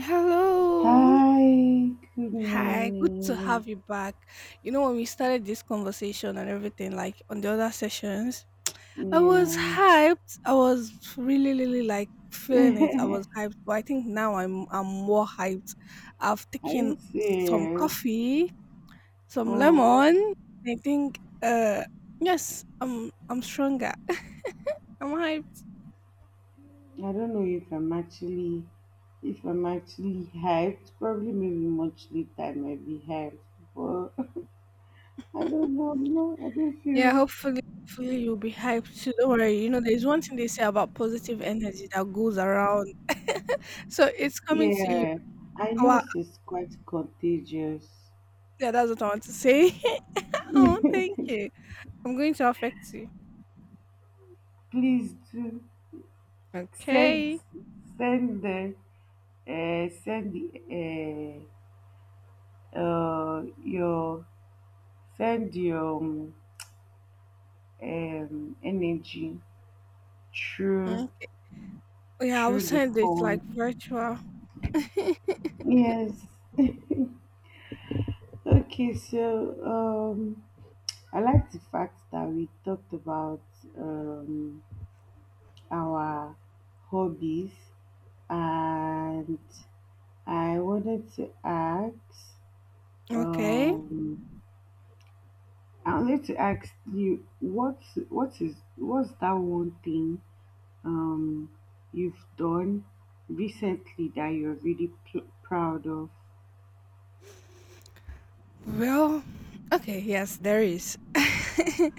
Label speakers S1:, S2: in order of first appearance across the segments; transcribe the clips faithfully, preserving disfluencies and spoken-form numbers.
S1: Hello.
S2: Hi, good
S1: Hi. Good to
S2: morning.
S1: have you back. You know, when we started this conversation and everything, like on the other sessions, I was
S2: Yeah.
S1: hyped. I was really, really like feeling it. I was hyped, but I think now I'm I'm more hyped. I've
S2: Are
S1: taken
S2: you
S1: some
S2: serious?
S1: coffee, some
S2: Oh,
S1: lemon. And I think uh yes, I'm I'm stronger. I'm hyped.
S2: I don't know if I'm actually if I'm actually hyped. Probably maybe much later I might be hyped. But I don't know, no, I don't
S1: Yeah,
S2: feel
S1: hopefully hopefully you'll be hyped too. Don't worry. You know, there's one thing they say about positive energy that goes around. So it's coming to you.
S2: yeah. And
S1: Wow,
S2: yours is quite contagious.
S1: yeah, that's what I want to say. Oh, thank you. I'm going to affect you.
S2: Please do send
S1: Okay.
S2: send the uh, send the uh, uh, your send your um, um, energy through
S1: Okay. Yeah, I will
S2: through the
S1: send it like
S2: phone.
S1: virtual.
S2: Yes. Okay, so um, I like the fact that we talked about um, our hobbies, and I wanted to ask.
S1: Okay.
S2: Um, I wanted to ask you what what is what's that one thing um, you've done recently that you're really pl- proud of?
S1: Well, okay, yes, there is.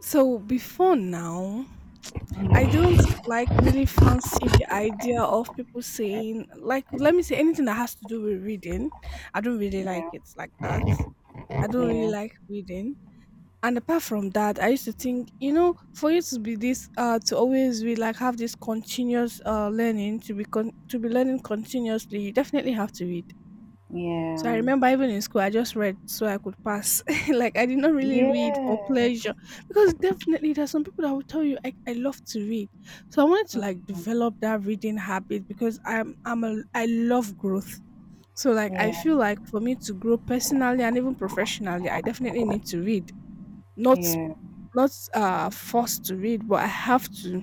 S1: So before now, I don't like really fancy the idea of people saying, like, let me say anything that has to do with reading. I don't really like
S2: Yeah,
S1: it like that. I don't really
S2: yeah,
S1: like reading. And apart from that, I used to think, you know for you to be this uh to always be like have this continuous uh learning, to be con- to be learning continuously, you definitely have to read. So I
S2: yeah,
S1: remember even in school, I just read so I could pass. Like, I did not really read for
S2: yes,
S1: pleasure, because definitely there's some people that will tell you I, I love to read. So I wanted to like
S2: mhm,
S1: develop that reading habit, because I'm I'm a I love growth. So like I
S2: yeah,
S1: feel like for me to grow personally and even professionally, I definitely need to read. Not
S2: yeah,
S1: not, uh, forced to read, but I have to.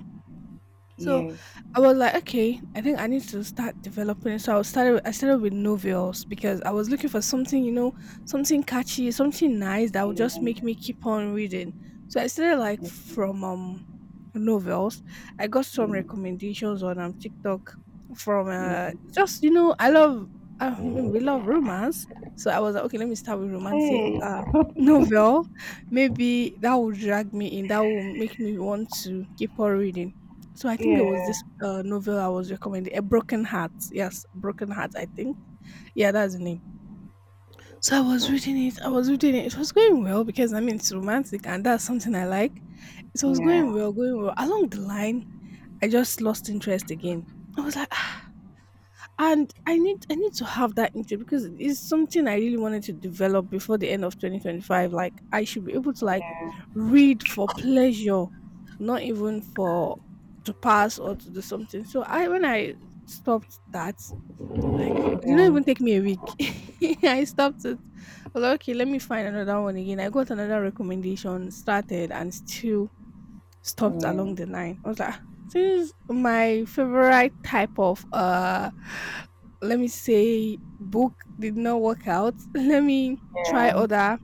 S1: So
S2: yes,
S1: I was like, okay, I think I need to start developing it. So I started. I started with novels because I was looking for something, you know, something catchy, something nice that would just make
S2: yeah,
S1: me keep on reading. So I started like
S2: yeah, yeah.
S1: from um novels. I got some recommendations on um TikTok from uh just, you know, I love, I mean, we love romance. So I was like, okay, let me start with romantic
S2: Hey,
S1: uh
S2: yeah,
S1: novel. Maybe that will drag me in. That will make me want to keep on reading. So I think
S2: yeah,
S1: there was this
S2: yeah,
S1: uh, novel I was recommending, A Broken Heart. Yes, Broken Heart, I think. Yeah, that's the name. So I was reading it. I was reading it. It was going well because, I mean, it's romantic and that's something I like. So it
S2: yeah, yeah,
S1: was
S2: yeah,
S1: going
S2: yeah, yeah,
S1: well, going well. Along the line, I just lost interest again. I was like, "Ah, and I need I need to have that interest because it's something I really wanted to develop before the end of twenty twenty-five. Like, I should be able to like read for pleasure, not even for to pass or to do something." So I, when I stopped that, like, it didn't even take me a week. I stopped it. I was like, okay, let me find another one again. I got another recommendation, started and still stopped along the line. I was like, "Ah, this is my favorite type of uh let me say book did not work out." Let me try other,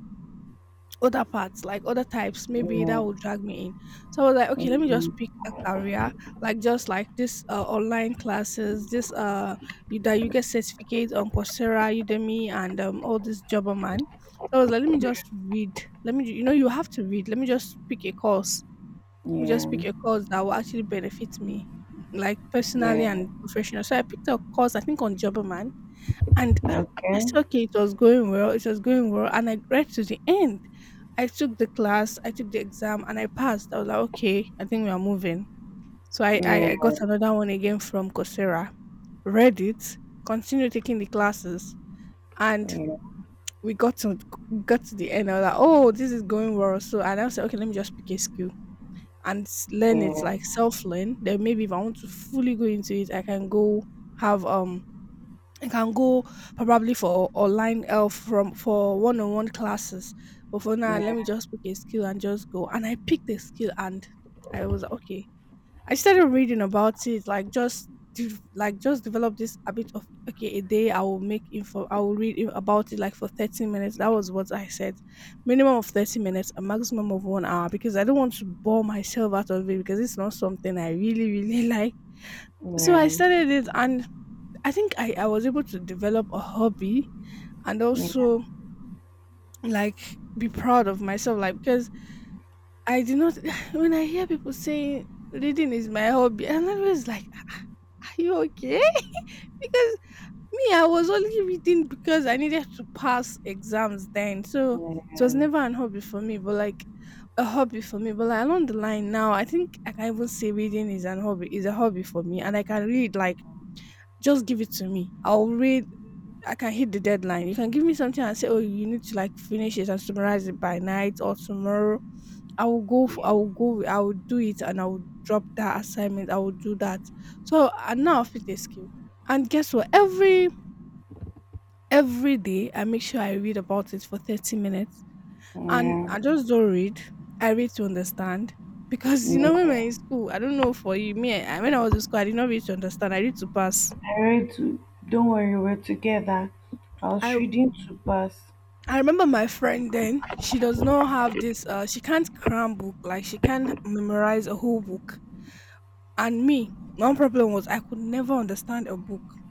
S1: other parts, like other types. Maybe that will drag me in. So I was like, okay, let me just pick a career, like just like this uh, online classes, this uh you, that you get certificates on Coursera, Udemy, and um, all this Jobberman. So I was like, let me just read. Let me, you know, you have to read. Let me just pick a course. me just pick
S2: yeah,
S1: a course that will actually benefit me, like personally
S2: yeah.
S1: and professional. So I picked a course, I think on Jobberman, and I
S2: Okay,
S1: said, okay, it was going well, it was going well, and I read to the end. I took the class, I took the exam, and I passed. I was like, okay, I think we are moving. So I, I, I got
S2: yeah,
S1: another one again from Coursera, read it, continued taking the classes, and
S2: yeah,
S1: we got to we got to the end. I was like, oh, this is going well. So I now said, okay, let me just pick a skill and s- learn it
S2: yeah,
S1: like self learn. Then maybe if I want to fully go into it, I can go have um I can go probably for online uh, from for one-on-one classes. But for now, let me
S2: yeah,
S1: just pick a skill and just go. And I picked a skill and I was like, okay, I started reading about it, like just de- like just develop this habit of, okay, a day I will make info, I will read i- about it like for thirty minutes. That was what I said, minimum of thirty minutes, a maximum of one hour, because I don't want to bore myself out of it because it's not something I really really like. So I started it, and I think I I was able to develop a hobby and
S2: yeah, yeah,
S1: also like be proud of myself, like, because I do not when I hear people saying reading is my hobby, I'm always like, "Ah, ah, are you okay?" Because me, I was only reading because I needed to pass exams then. So it was
S2: yeah.
S1: never an hobby for me, but like a hobby for me. But like along the line now, I think I can even say reading is an hobby, is a hobby for me. And I can read, like, just give it to me. I'll read, I can hit the deadline. You can give me something and say, "Oh, you need to like finish it and summarize it by night or tomorrow." I will go for, I
S2: Yeah,
S1: will go, I will do it, and I will drop that assignment. I will do that. So and now I fit a skill. And guess what? Every every day I make sure I read about it for thirty minutes. And
S2: yeah,
S1: I just don't read. I read to understand. Because you know when
S2: yeah.
S1: we're in school, I don't know for you, me I, when I was in school, I did not read to understand. I read to pass.
S2: I read to. Don't worry, we're together. I was
S1: I
S2: reading to pass.
S1: I remember my friend then, she does not have this uh she can't cram book, like she can't memorize a whole book. And me, one problem was I could never understand a book.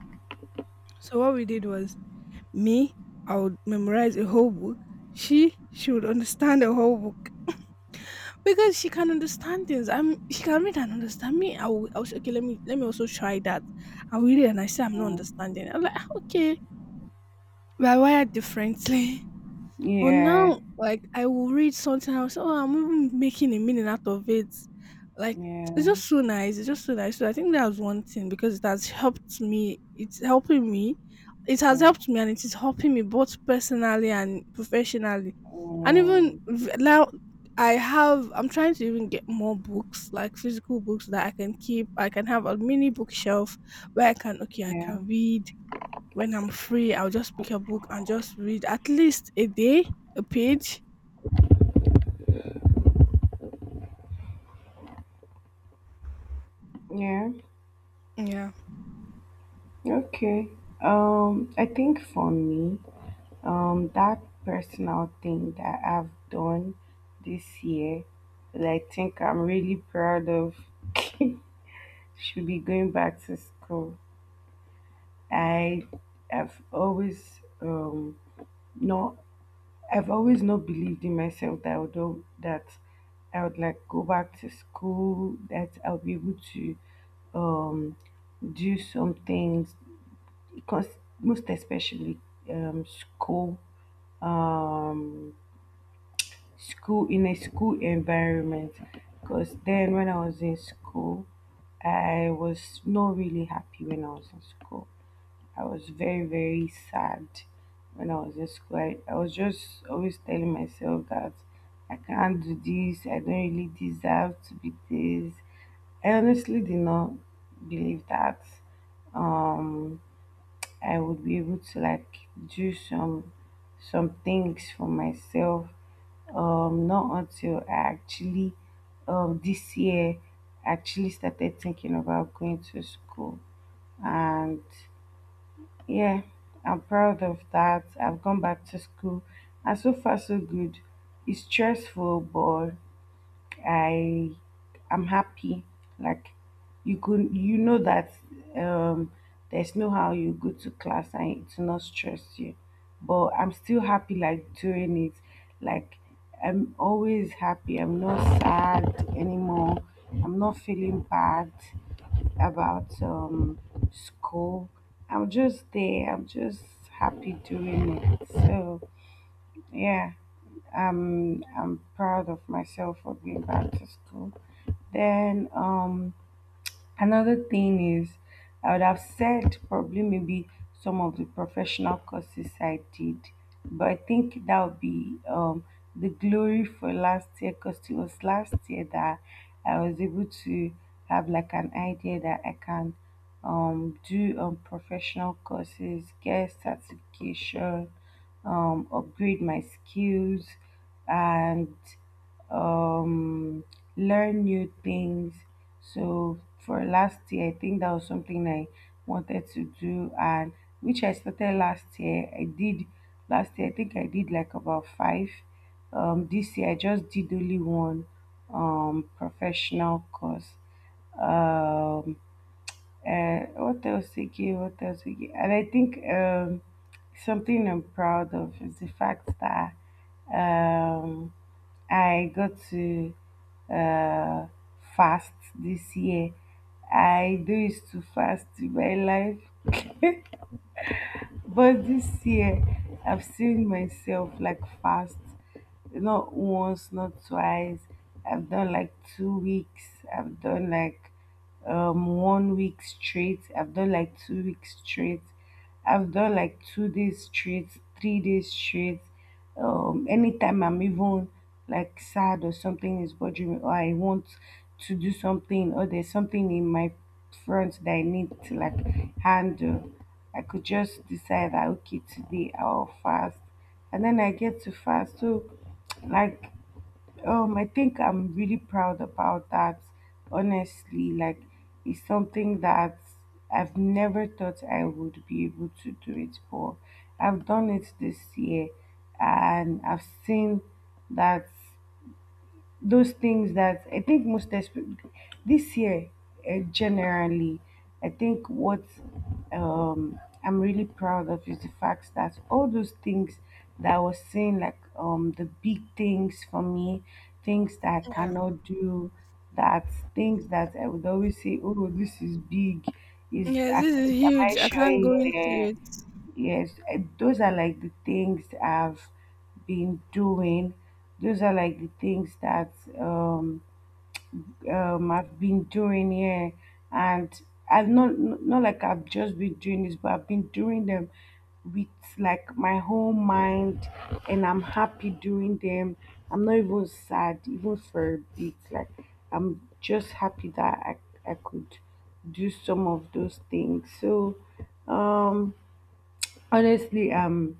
S1: So what we did was, me, I would memorize a whole book. She, she would understand a whole book because she can understand things. I'm, she can read and understand. Me, I will, I was okay. Let me, let me also try that. I will read and I say I'm not
S2: Yeah,
S1: understanding. I'm like, "Ah, okay, we're wired differently." But
S2: yeah,
S1: now, like, I will read something, I'll say, "Oh, I'm even making a meaning out of it." Like, it's
S2: yeah,
S1: just so nice. It's just so nice. So I think that was one thing because it has helped me. It's helping me. It has helped
S2: mm,
S1: me, and it is helping me both personally and professionally. And even
S2: mm,
S1: v- now, I have. I'm trying to even get more books, like physical books that I can keep. I can have a mini bookshelf where I can. Okay, I
S2: yeah,
S1: can read. When I'm free, I'll just pick a book and just read at least a day, a page.
S2: yeah.
S1: Yeah.
S2: Okay. Um, I think for me, um, that personal thing that I've done this year, that I think I'm really proud of, should be going back to school. I have always um not I've always not believed in myself that I would do- that I would like go back to school, that I'll be able to um do some things because most especially um school um school in a school environment because then when I was in school I was not really happy when I was in school. I was very, very sad when I was in school. I, I was just always telling myself that I can't do this, I don't really deserve to be this. I honestly did not believe that um I would be able to like do some some things for myself. Um not until I actually um this year actually started thinking about going to school and yeah, I'm proud of that. I've gone back to school and so far so good. It's stressful, but I I'm happy. Like you could you know that um there's no how you go to class and it's not stress you. But I'm still happy like doing it. Like I'm always happy. I'm not sad anymore. I'm not feeling bad about um, school. I'm just there. I'm just happy doing it. So yeah, I'm I'm proud of myself for being back to school. Then um, another thing is, I would have said probably maybe some of the professional courses I did, but I think that would be um, the glory for last year because it was last year that I was able to have like an idea that I can um, do um, professional courses, get certification, um, upgrade my skills, and um, learn new things. So for last year, I think that was something I wanted to do, and which I started last year. I did last year. I think I did like about five. Um, this year, I just did only one um, professional course. Um, uh, what else again? What else again? And I think um, something I'm proud of is the fact that um, I got to uh, fast this year. I do used to fast in my life, but this year I've seen myself like fast not once, not twice. I've done like two weeks. I've done like um one week straight. I've done like two weeks straight. I've done like two days straight, three days straight. Um, anytime I'm even like sad or something is bothering me, or I want to do something, or there's something in my front that I need to like handle, I could just decide that okay, today I'll fast and then I get to fast. So, like, um, I think I'm really proud about that. Honestly, like, it's something that I've never thought I would be able to do it, but I've done it this year, and I've seen that those things that I think most espe- this year uh, generally, I think what um, I'm really proud of is the fact that all those things that I was saying, like um, the big things for me, things that I
S1: Yeah.
S2: cannot do, that things that I would always say, oh, this is big. Is
S1: Yes,
S2: I-
S1: this is
S2: am I
S1: huge. I
S2: sure?
S1: can't go
S2: Yeah.
S1: into
S2: yeah, yeah.
S1: it.
S2: Yes, eh, those are like the things I've been doing. Those are like the things that um, um, I've been doing here, and I've not not like I've just been doing this, but I've been doing them with like my whole mind, and I'm happy doing them. I'm not even sad, even for a bit. Like I'm just happy that I I could do some of those things. So, um honestly, I'm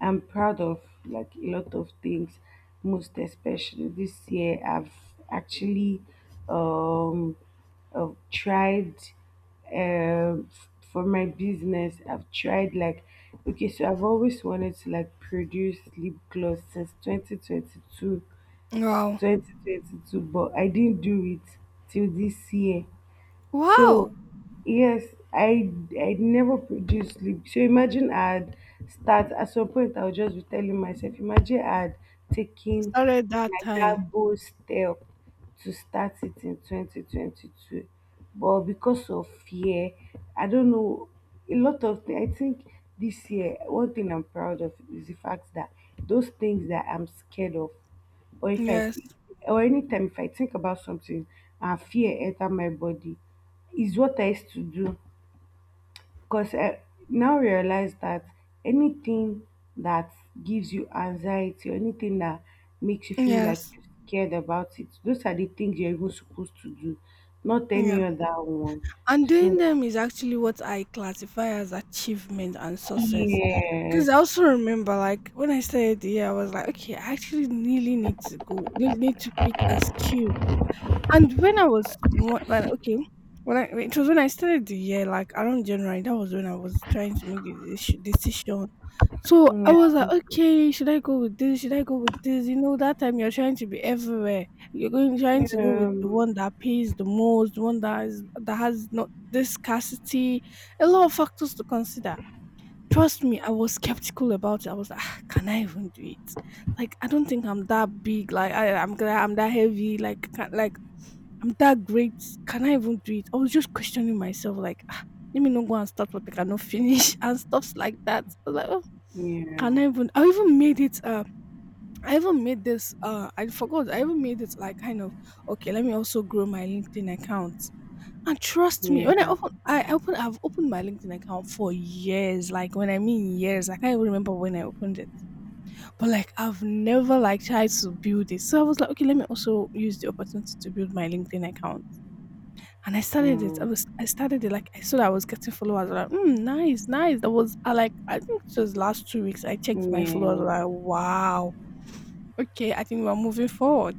S2: I'm proud of like a lot of things. Most especially this year, I've actually um uh, tried um f- for my business. I've tried like okay, so I've always wanted to like produce lip gloss since two thousand twenty-two
S1: Wow.
S2: twenty twenty-two, but I didn't do it till this year. So
S1: Wow.
S2: yes, I I never produce sleep. So imagine I would start at some point I would just be telling myself, imagine I would taken
S1: Started that
S2: like
S1: time.
S2: that bold step to start it in twenty twenty-two. But because of fear, I don't know a lot of things. I think this year, one thing I'm proud of is the fact that those things that I'm scared of or if I
S1: Yes.
S2: or anytime if I think about something and fear enter my body is what I used to do because I now realize that anything that gives you anxiety or anything that makes you feel like
S1: Yes.
S2: you're scared about it, those are the things you're even supposed to do, not
S1: Yeah.
S2: any other one.
S1: And doing
S2: So
S1: them is actually what I classify as achievement and success. Because I
S2: yes.
S1: also remember, like, when I started the year, I was like, okay, I actually really need to go, really need to pick a skill. And when I was wh- when okay, when I, it was when I started the year, like around January, that was when I was trying to make the deci- decision. So I
S2: Yeah.
S1: was like, okay, should I go with this? Should I go with this? You know, that time you're trying to be everywhere. You're going trying to go with
S2: Yeah.
S1: the one that pays the most, the one that is that has not this scarcity. A lot of factors to consider. Trust me, I was skeptical about it. I was like, "Ah, can I even do it? Like, I don't think I'm that big. Like, I, I'm I'm that heavy. Like, can, like, I'm that great. Can I even do it?" I was just questioning myself, like, "Ah, let me not go and start what I cannot finish" and stuffs like that. I was like, oh,
S2: Yeah.
S1: can I even? I even made it. Uh, I even made this. Uh, I forgot. I even made it like kind of okay. Let me also grow my LinkedIn account. And trust me, when I
S2: Yeah.
S1: open, I open, I've opened my LinkedIn account for years. Like when I mean years, I can't even remember when I opened it. But like I've never like tried to build it. So I was like, okay, let me also use the opportunity to build my LinkedIn account and I started it. I was
S2: Mm,
S1: I started it like I saw that I was getting followers. I was like, mm, nice, nice. That was I like I think it was last two weeks. I checked my followers. I was
S2: yeah.
S1: like, wow, okay. I think we're moving forward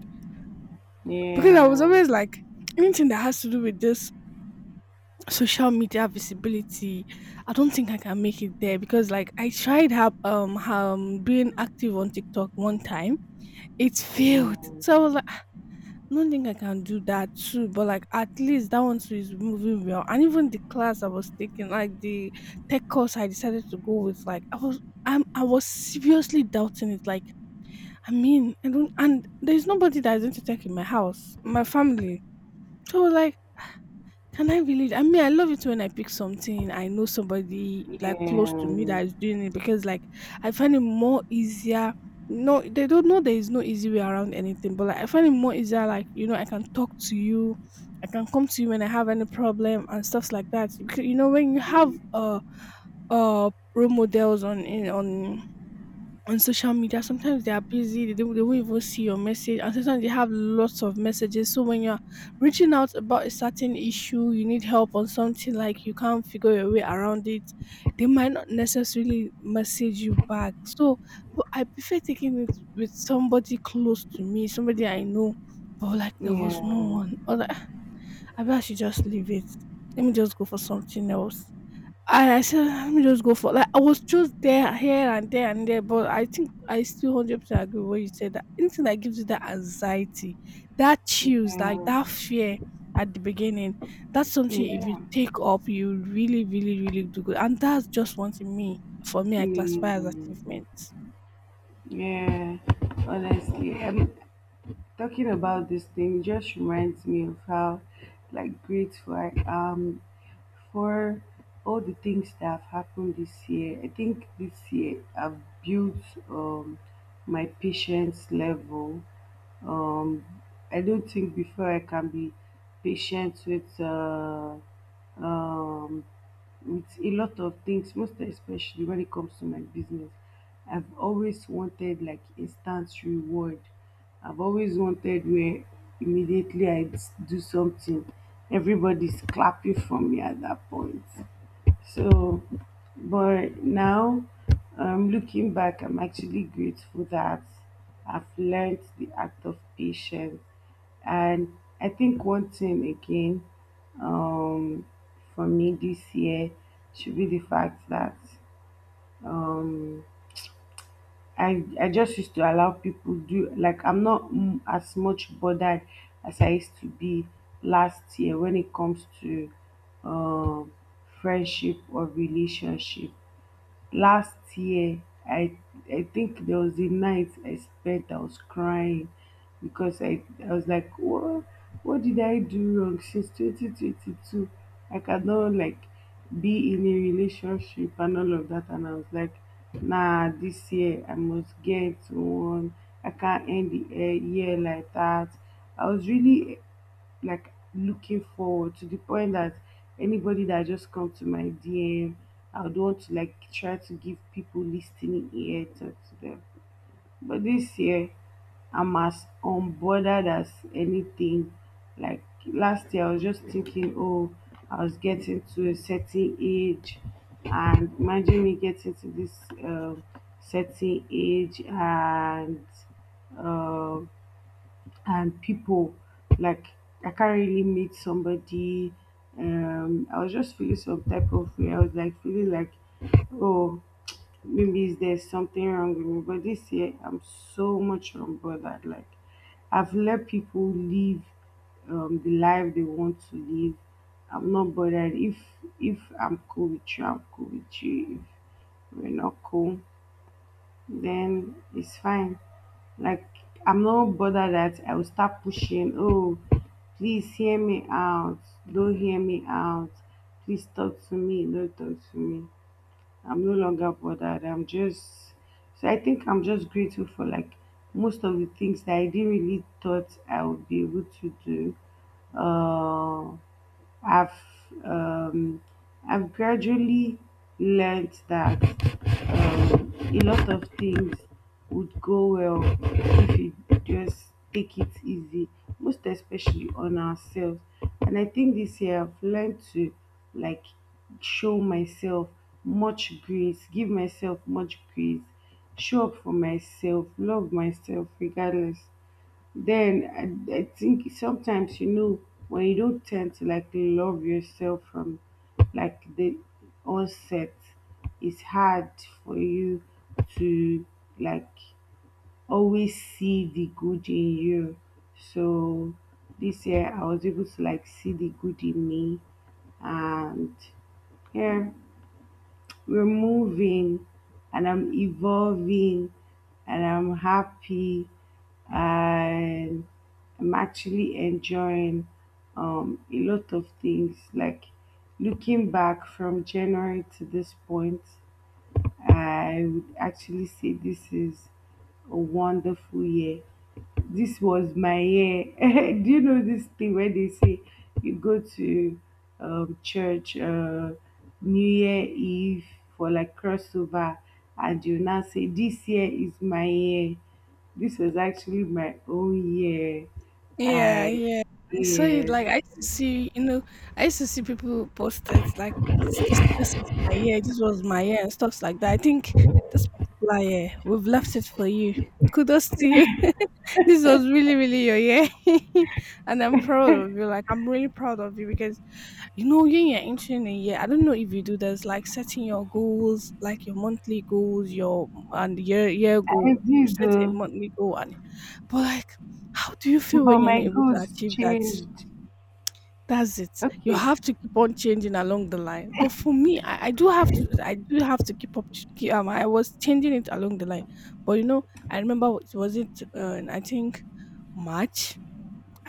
S1: because I was
S2: Yeah.
S1: always like anything that has to do with this social media visibility. I don't think I can make it there because like I tried have um um being active on TikTok one time. It failed.
S2: Yeah.
S1: So I was like I don't think I can do that too, but like at least that one too is moving well. And even the class I was taking, like the tech course I decided to go with, like I was I'm I was seriously doubting it. Like, I mean, I don't and there's nobody that is going to tech in my house, my family. So like can I believe? I mean, I love it when I pick something I know somebody like close to me
S2: Yeah.
S1: that is doing it because like I find it more easier. No, they don't know there is no easy way around anything, but like I find it more easier. Like you know, I can talk to you, I can come to you when I have any problem and stuff like that. Because you know, when you have
S2: Mm,
S1: uh uh role models on in on on social media, sometimes they are busy, they don't, they won't even see your message, and sometimes they have lots of messages. So when you're reaching out about a certain issue, you need help on something like you can't figure your way around it, they might not necessarily message you back. So but I prefer taking it with somebody close to me, somebody I know. But like there was
S2: yeah.
S1: no one, or like, I bet I should just leave it. Let me just go for something else. And I said, "Let me just go for." Like I was just there, here and there and there, but I think I still one hundred percent agree with what you said that anything that gives you that anxiety, that chills, like
S2: Yeah.
S1: that fear at the beginning, that's something if you
S2: Yeah.
S1: take up, you really, really, really do good. And that's just one thing me, for me, I classify as
S2: Mm,
S1: achievement.
S2: yeah. Honestly, I'm talking about this thing just reminds me of how like grateful I am for all the things that have happened this year. I think this year I've built um my patience level. Um I don't think before I can be patient with uh um with a lot of things, most especially when it comes to my business. I've always wanted like instant reward. I've always wanted where immediately I do something, everybody's clapping for me at that point. So, but now, um, looking back, I'm actually grateful that I've learned the act of patience. And I think one thing again, um, for me this year should be the fact that um, I I just used to allow people do like I'm not mm, as much bothered as I used to be last year when it comes to um friendship or relationship last year i i think there was a night I spent I was crying because i i was like what what did I do wrong since twenty twenty-two I cannot like be in a relationship and all of that and I was like nah this year I must get one I can't end the eh, year like that I was really like looking forward to the point that anybody that just come to my D M, I would want to like try to give people listening ear talk to them. But this year, I'm as unbothered as anything. Like last year, I was just thinking, oh, I was getting to a certain age, and imagine me getting to this um certain age, and um and people like I can't really meet somebody. Um, I was just feeling some type of way. I was like feeling like, oh, maybe there's something wrong with me. But this year, I'm so much unbothered. Like I've let people live um, the life they want to live. I'm not bothered if if I'm cool with you, I'm cool with you. If we're not cool, then it's fine. Like I'm not bothered that I will start pushing, oh, please hear me out, don't hear me out, please talk to me, don't talk to me. I'm no longer bothered. I'm just so I think I'm just grateful for like most of the things that I didn't really thought I would be able to do. Uh I've um, I've gradually learned that um, a lot of things would go well if you just take it easy, most especially on ourselves. And I think this year I've learned to like show myself much grace, give myself much grace, show up for myself, love myself regardless. Then I, I think sometimes you know when you don't tend to like love yourself from like the onset, it's hard for you to like always see the good in you. So this year I was able to like see the good in me and yeah we're moving and I'm evolving and I'm happy and I'm actually enjoying um, a lot of things. Like looking back from January to this point, I would actually say this is a wonderful year this was my year. Do you know this thing where they say you go to um, church uh, New Year Eve for like crossover, and you now say this year is my year. This was actually my own year.
S1: Yeah,
S2: I
S1: yeah. I saw it
S2: Yes,
S1: like I used to see, you know, I used to see people post it like this this this is my year, this was my year and stuff like that. I think this particular year, we've left it for you. Kudos to you. This was really, really your year. And I'm proud of you. Like I'm really proud of you because you know when you're entering a year, I don't know if you do this, like setting your goals, like your monthly goals, your and year year
S2: I
S1: goal. You
S2: did
S1: set a
S2: though,
S1: monthly goal and but like, how do you feel
S2: but
S1: when you're
S2: my
S1: not able to
S2: goals
S1: achieve that?
S2: changed.
S1: That's it. You
S2: Okay,
S1: have to keep on changing along the line. But for me, I, I do have to. I do have to keep up. ch- keep- Um, I was changing it along the line. But you know, I remember it was it. Uh, I think March.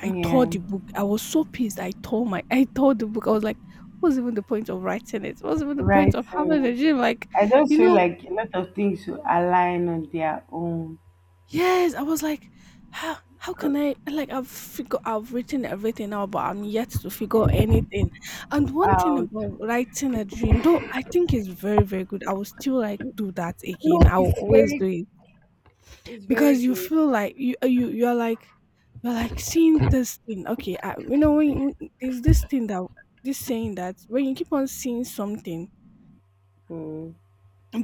S1: I tore
S2: yeah,
S1: the book. I was so pissed. I tore my. I tore the book. I was like, what's even the point of writing it? What's even the point
S2: right.
S1: of having
S2: So
S1: a gym? Like,
S2: I don't
S1: you
S2: feel
S1: know
S2: like a lot of things should align on their own.
S1: Yes, I was like, how how
S2: Go
S1: can I like I've figure I've written everything out, but I'm yet to figure anything. And one thing
S2: out.
S1: about writing a dream, though I think it's very, very good. I will still like do that
S2: No,
S1: again. I will
S2: it's
S1: always
S2: very
S1: do
S2: good.
S1: it
S2: It's
S1: because
S2: very
S1: you
S2: good.
S1: feel like you uh, you you're like you're like seeing this thing. Okay, I, you know when, you- when there's this thing that this saying that when you keep on seeing something
S2: Mm,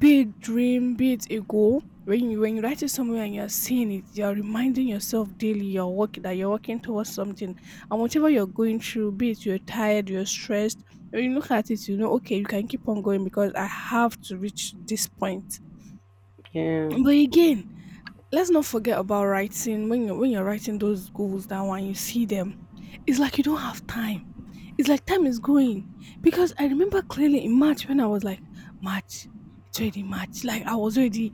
S1: be it dream, be it a goal. When you when you write it somewhere and you're seeing it, you're reminding yourself daily your work that you're working towards something. And whatever you're going through, be it you're tired, you're stressed, when you look at it, you know, okay, you can keep on going because I have to reach this point.
S2: yeah,
S1: But again, let's not forget about writing when you're when you're writing those goals down and you see them, it's like you don't have time it's like time is going because I remember clearly in March when I was like March, it's already March. Like I was already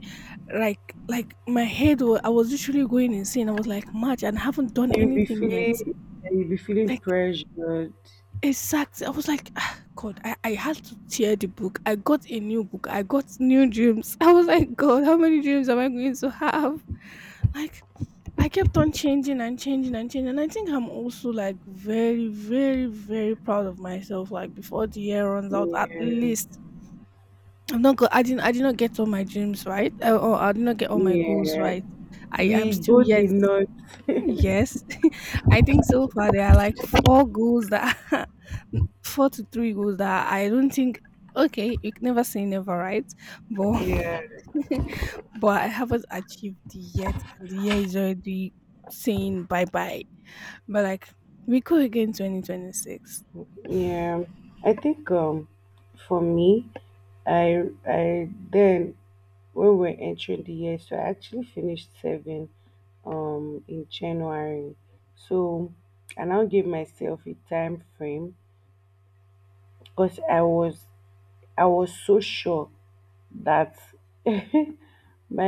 S1: like like my head was I was literally going insane. I was like March and I haven't done
S2: you'll be
S1: anything yet.
S2: feeling you'll be feeling
S1: Like
S2: pressured.
S1: exactly, I was like, "Ah, God, I I had to tear the book. I got a new book. I got new dreams." I was like, "God, how many dreams am I going to have? Like" I kept on changing and changing and changing. And I think I'm also like very, very, very proud of myself. Like before the year runs out, at
S2: Yeah,
S1: least I'm not go- I didn't I did not get all my dreams right. Uh, or I did not get all my goals
S2: yeah.
S1: right. I am
S2: We
S1: still
S2: go the
S1: yet
S2: north.
S1: yes. I think so far there are like four goals that four to three goals that I don't think okay, you can never say never, right? But
S2: Yeah.
S1: but I haven't achieved the yet, and the year is already saying bye bye. But like, we go again twenty twenty-six.
S2: Yeah, I think um for me, I I then when we're entering the year, so I actually finished seven um in January. So I now give myself a time frame because I was I was so sure that my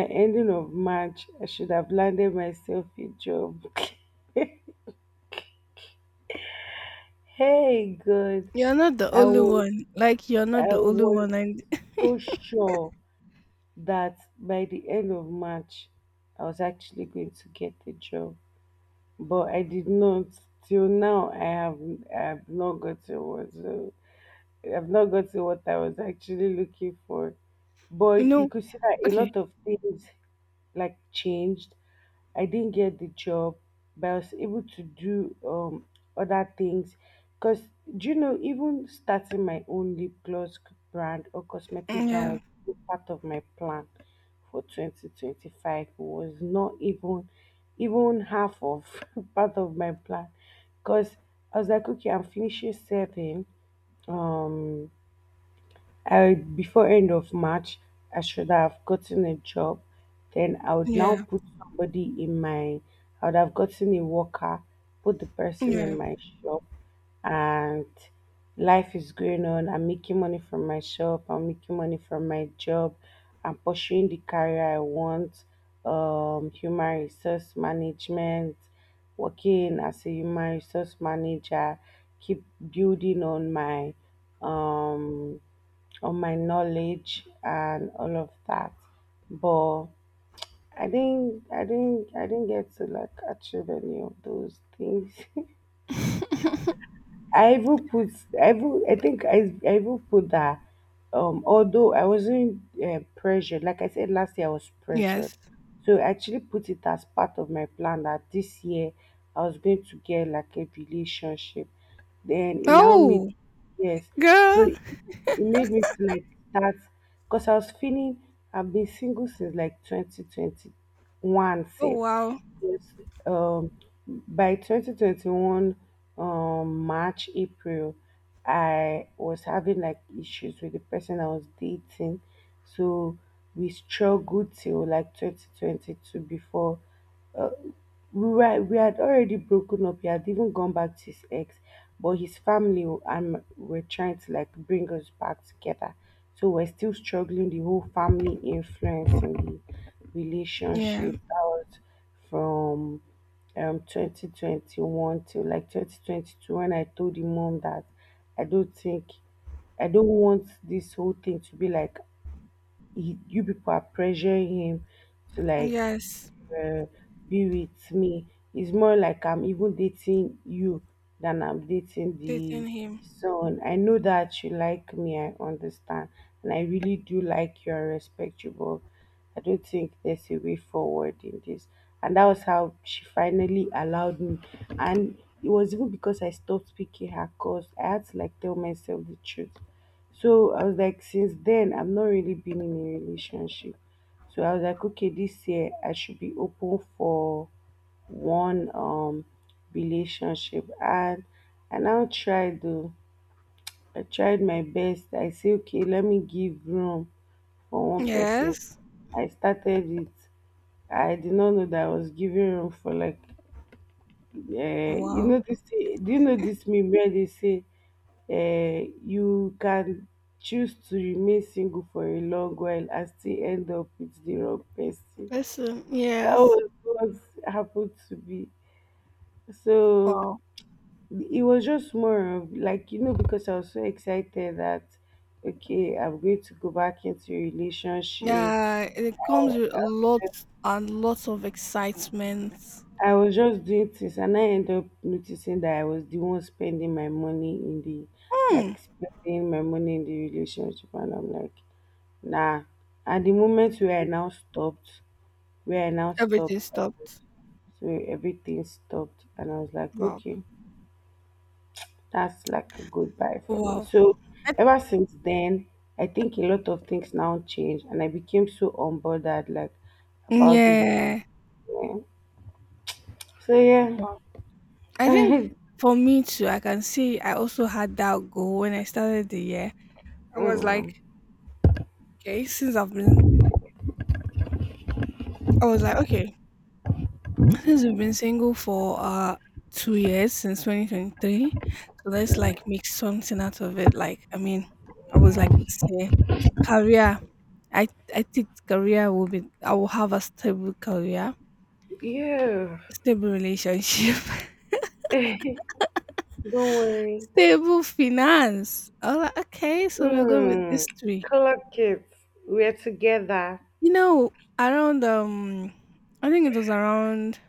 S2: ending of March, I should have landed myself a job. Hey, God,
S1: You're not the
S2: I
S1: only
S2: was,
S1: one. Like, you're
S2: I
S1: not the only
S2: was
S1: one. And
S2: so sure that by the end of March, I was actually going to get a job, but I did not. Till now, I have, I have not gotten one. So I've not gotten what I was actually looking for.
S1: you
S2: But you
S1: know,
S2: could see that a
S1: okay,
S2: lot of things like changed. I didn't get the job, but I was able to do um other things. Cause do you know, even starting my own lip gloss brand or cosmetic brand
S1: yeah,
S2: was still part of my plan for twenty twenty-five. Was not even even half of part of my plan. Cause I was like, okay, I'm finishing seven. Um I before end of March, I should have gotten a job. Then I would
S1: yeah,
S2: now put somebody in my. I would have gotten a worker, put the person in
S1: yeah,
S2: my shop, and life is going on. I'm making money from my shop. I'm making money from my job. I'm pursuing the career I want. Um, human resource management, working as a human resource manager, keep building on my um on my knowledge and all of that, but i didn't i didn't i didn't get to like achieve any of those things. I even put, I even, I think I, I even put that, um, although I wasn't uh, pressured, like I said last year, I was
S1: yes.
S2: pressured. So I actually put it as part of my plan that this year I was going to get like a relationship. Then it now made,
S1: Oh,
S2: yes. So
S1: girl.
S2: it it made me to like start, because I was feeling, I've been single since like twenty twenty-one,
S1: Oh,
S2: safe.
S1: wow.
S2: Yes. Um, by twenty twenty-one um, March, April, I was having like issues with the person I was dating. So we struggled till like twenty twenty-two before we were we had already broken up. He had even gone back to his ex, but his family w- and were trying to like bring us back together. So we're still struggling. The whole family influence in the
S1: Yeah,
S2: relationship. That was from um twenty twenty-one to like twenty twenty-two when I told the mom that I don't think I don't want this whole thing to be like he, you people are pressuring him to like
S1: yes.
S2: uh, be with me. It's more like I'm even dating you than I'm dating the
S1: Dating him.
S2: son. I know that you like me, I understand. And I really do like you and respect you, but I don't think there's a way forward in this. And that was how she finally allowed me. And it was even because I stopped picking her cause. I had to like tell myself the truth. So I was like, since then, I've not really been in a relationship. So I was like, okay, this year I should be open for one um relationship, and I now tried to I tried my best. I say okay, let me give room for one person.
S1: Yes.
S2: I started it. I did not know that I was giving room for like uh, you
S1: Wow.
S2: know this do you know this meme where they say um you can choose to remain single for a long while and still end up with the wrong person.
S1: Listen,
S2: That
S1: yes.
S2: was what happened to me. So
S1: Wow.
S2: it was just more of like, you know, because I was so excited that, okay, I'm going to go back into a relationship.
S1: Yeah, it
S2: I
S1: comes
S2: was
S1: with
S2: just
S1: lots and lots of excitement.
S2: I was just doing things, and I ended up noticing that I was the one spending my money in the,
S1: Hmm.
S2: like spending my money in the relationship. And I'm like, nah, at the moment where I now stopped, where I now stopped,
S1: Everything stopped.
S2: so everything stopped, and I was like,
S1: Wow.
S2: okay, that's like a goodbye for me.
S1: Wow.
S2: So
S1: I,
S2: ever since then, I think a lot of things now changed, and I became so unbothered, like about the whole
S1: yeah.
S2: thing. So yeah.
S1: Wow. I think for me too, I can see I also had that goal when I started the year. I was like,
S2: Mm,
S1: okay, since I've been, I was like, okay, since we've been single for uh two years since two thousand twenty-three, so let's like make something out of it. Like, I mean, I was like,
S2: yeah,
S1: this year, career. I I think career will be. I will have a stable career,
S2: yeah.
S1: stable relationship.
S2: Don't worry.
S1: Table finance. I was like, okay, so we're going with
S2: Mm,
S1: these three.
S2: color kids, we're together.
S1: You know, around um, I think it was around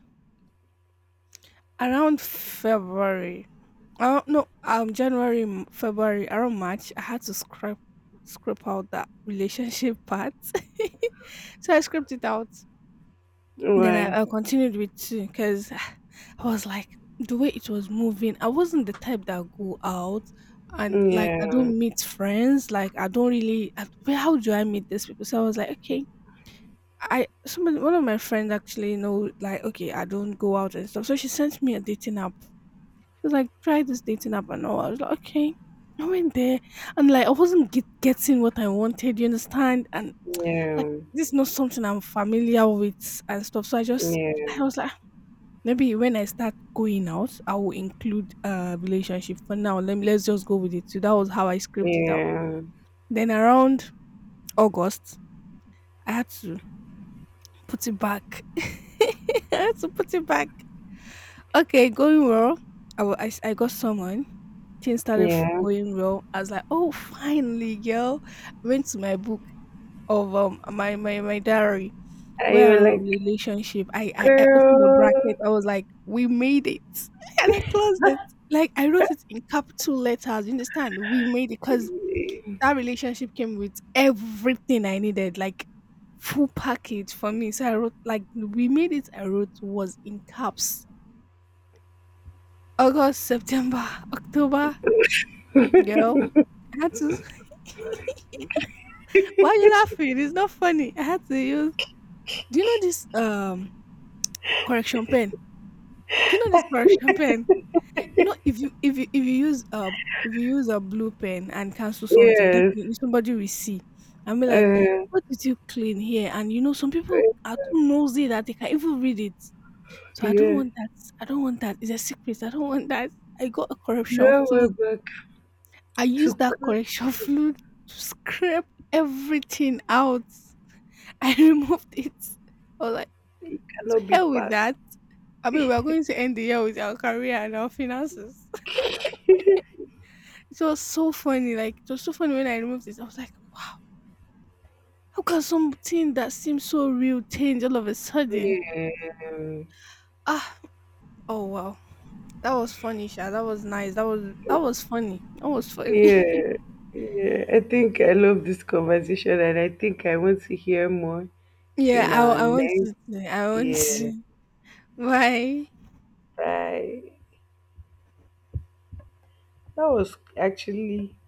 S1: around February. Oh no, um, January, M- February, around March. I had to scrap scrape out that relationship part, so I scraped it out. Then I, I
S2: Right.
S1: continued with two because I was like the way it was moving. I wasn't the type that go out and like I
S2: Yeah.
S1: don't meet friends. Like I don't really. I, where- how do I meet these people? So I was like, okay. I somebody one of my friends actually know like okay I don't go out and stuff. So she sent me a dating app. She was like, try this dating app and all. I was like, okay. I went there and like I wasn't get, getting what I wanted. You understand? And like
S2: Yeah,
S1: this is not something I'm familiar with and stuff. So I just
S2: yeah,
S1: I was like maybe when I start going out, I will include a relationship. For now, let me let's just go with it. So that was how I scripted it out.
S2: yeah,
S1: Then around August, I had to put it back. I had to put it back. Okay, going well. I wa- I s- I got someone. Things started f-
S2: yeah.
S1: going well. I was like, oh, finally, girl. Went to my book of um my my my diary.
S2: I was
S1: Well,
S2: like,
S1: relationship. I, I I opened the
S2: girl,
S1: bracket. I was like, we made it, and I closed it. Like I wrote it in capital letters. You understand? We made it because that relationship came with everything I needed, like full package for me. So I wrote like we made it. I wrote was in caps. August, September, October. Girl, I had to. Why are you laughing? It's not funny. I had to use. Do you know this um correction pen? Do you know this correction pen? You know, if you if you if you use uh if you use a blue pen and cancel something,
S2: yes,
S1: definitely somebody will see and be like,
S2: uh,
S1: "What did you clean here?" And you know, some people are too nosy that they can even read it. So I don't
S2: yeah,
S1: want that. I don't want that. It's a secret. I don't want that. I got a corruption
S2: you are
S1: fluid.
S2: back
S1: I
S2: to
S1: used that
S2: cook.
S1: correction fluid to scrape everything out. I removed it. I was like,
S2: It
S1: to
S2: cannot be
S1: hell with
S2: part.
S1: that. I mean, we're going to end the year with our career and our finances. It was so funny, like it was so funny when I removed it. I was like, wow, how can something that seems so real change all of a sudden?
S2: Yeah,
S1: Ah, oh wow. That was funny, Sha. That was nice. That was that was funny. That was funny.
S2: yeah, yeah. I think I love this conversation, and I think I want to hear more
S1: Yeah,
S2: in
S1: I
S2: our
S1: I want
S2: next.
S1: to I want
S2: Yeah,
S1: to. Bye.
S2: bye. That was actually.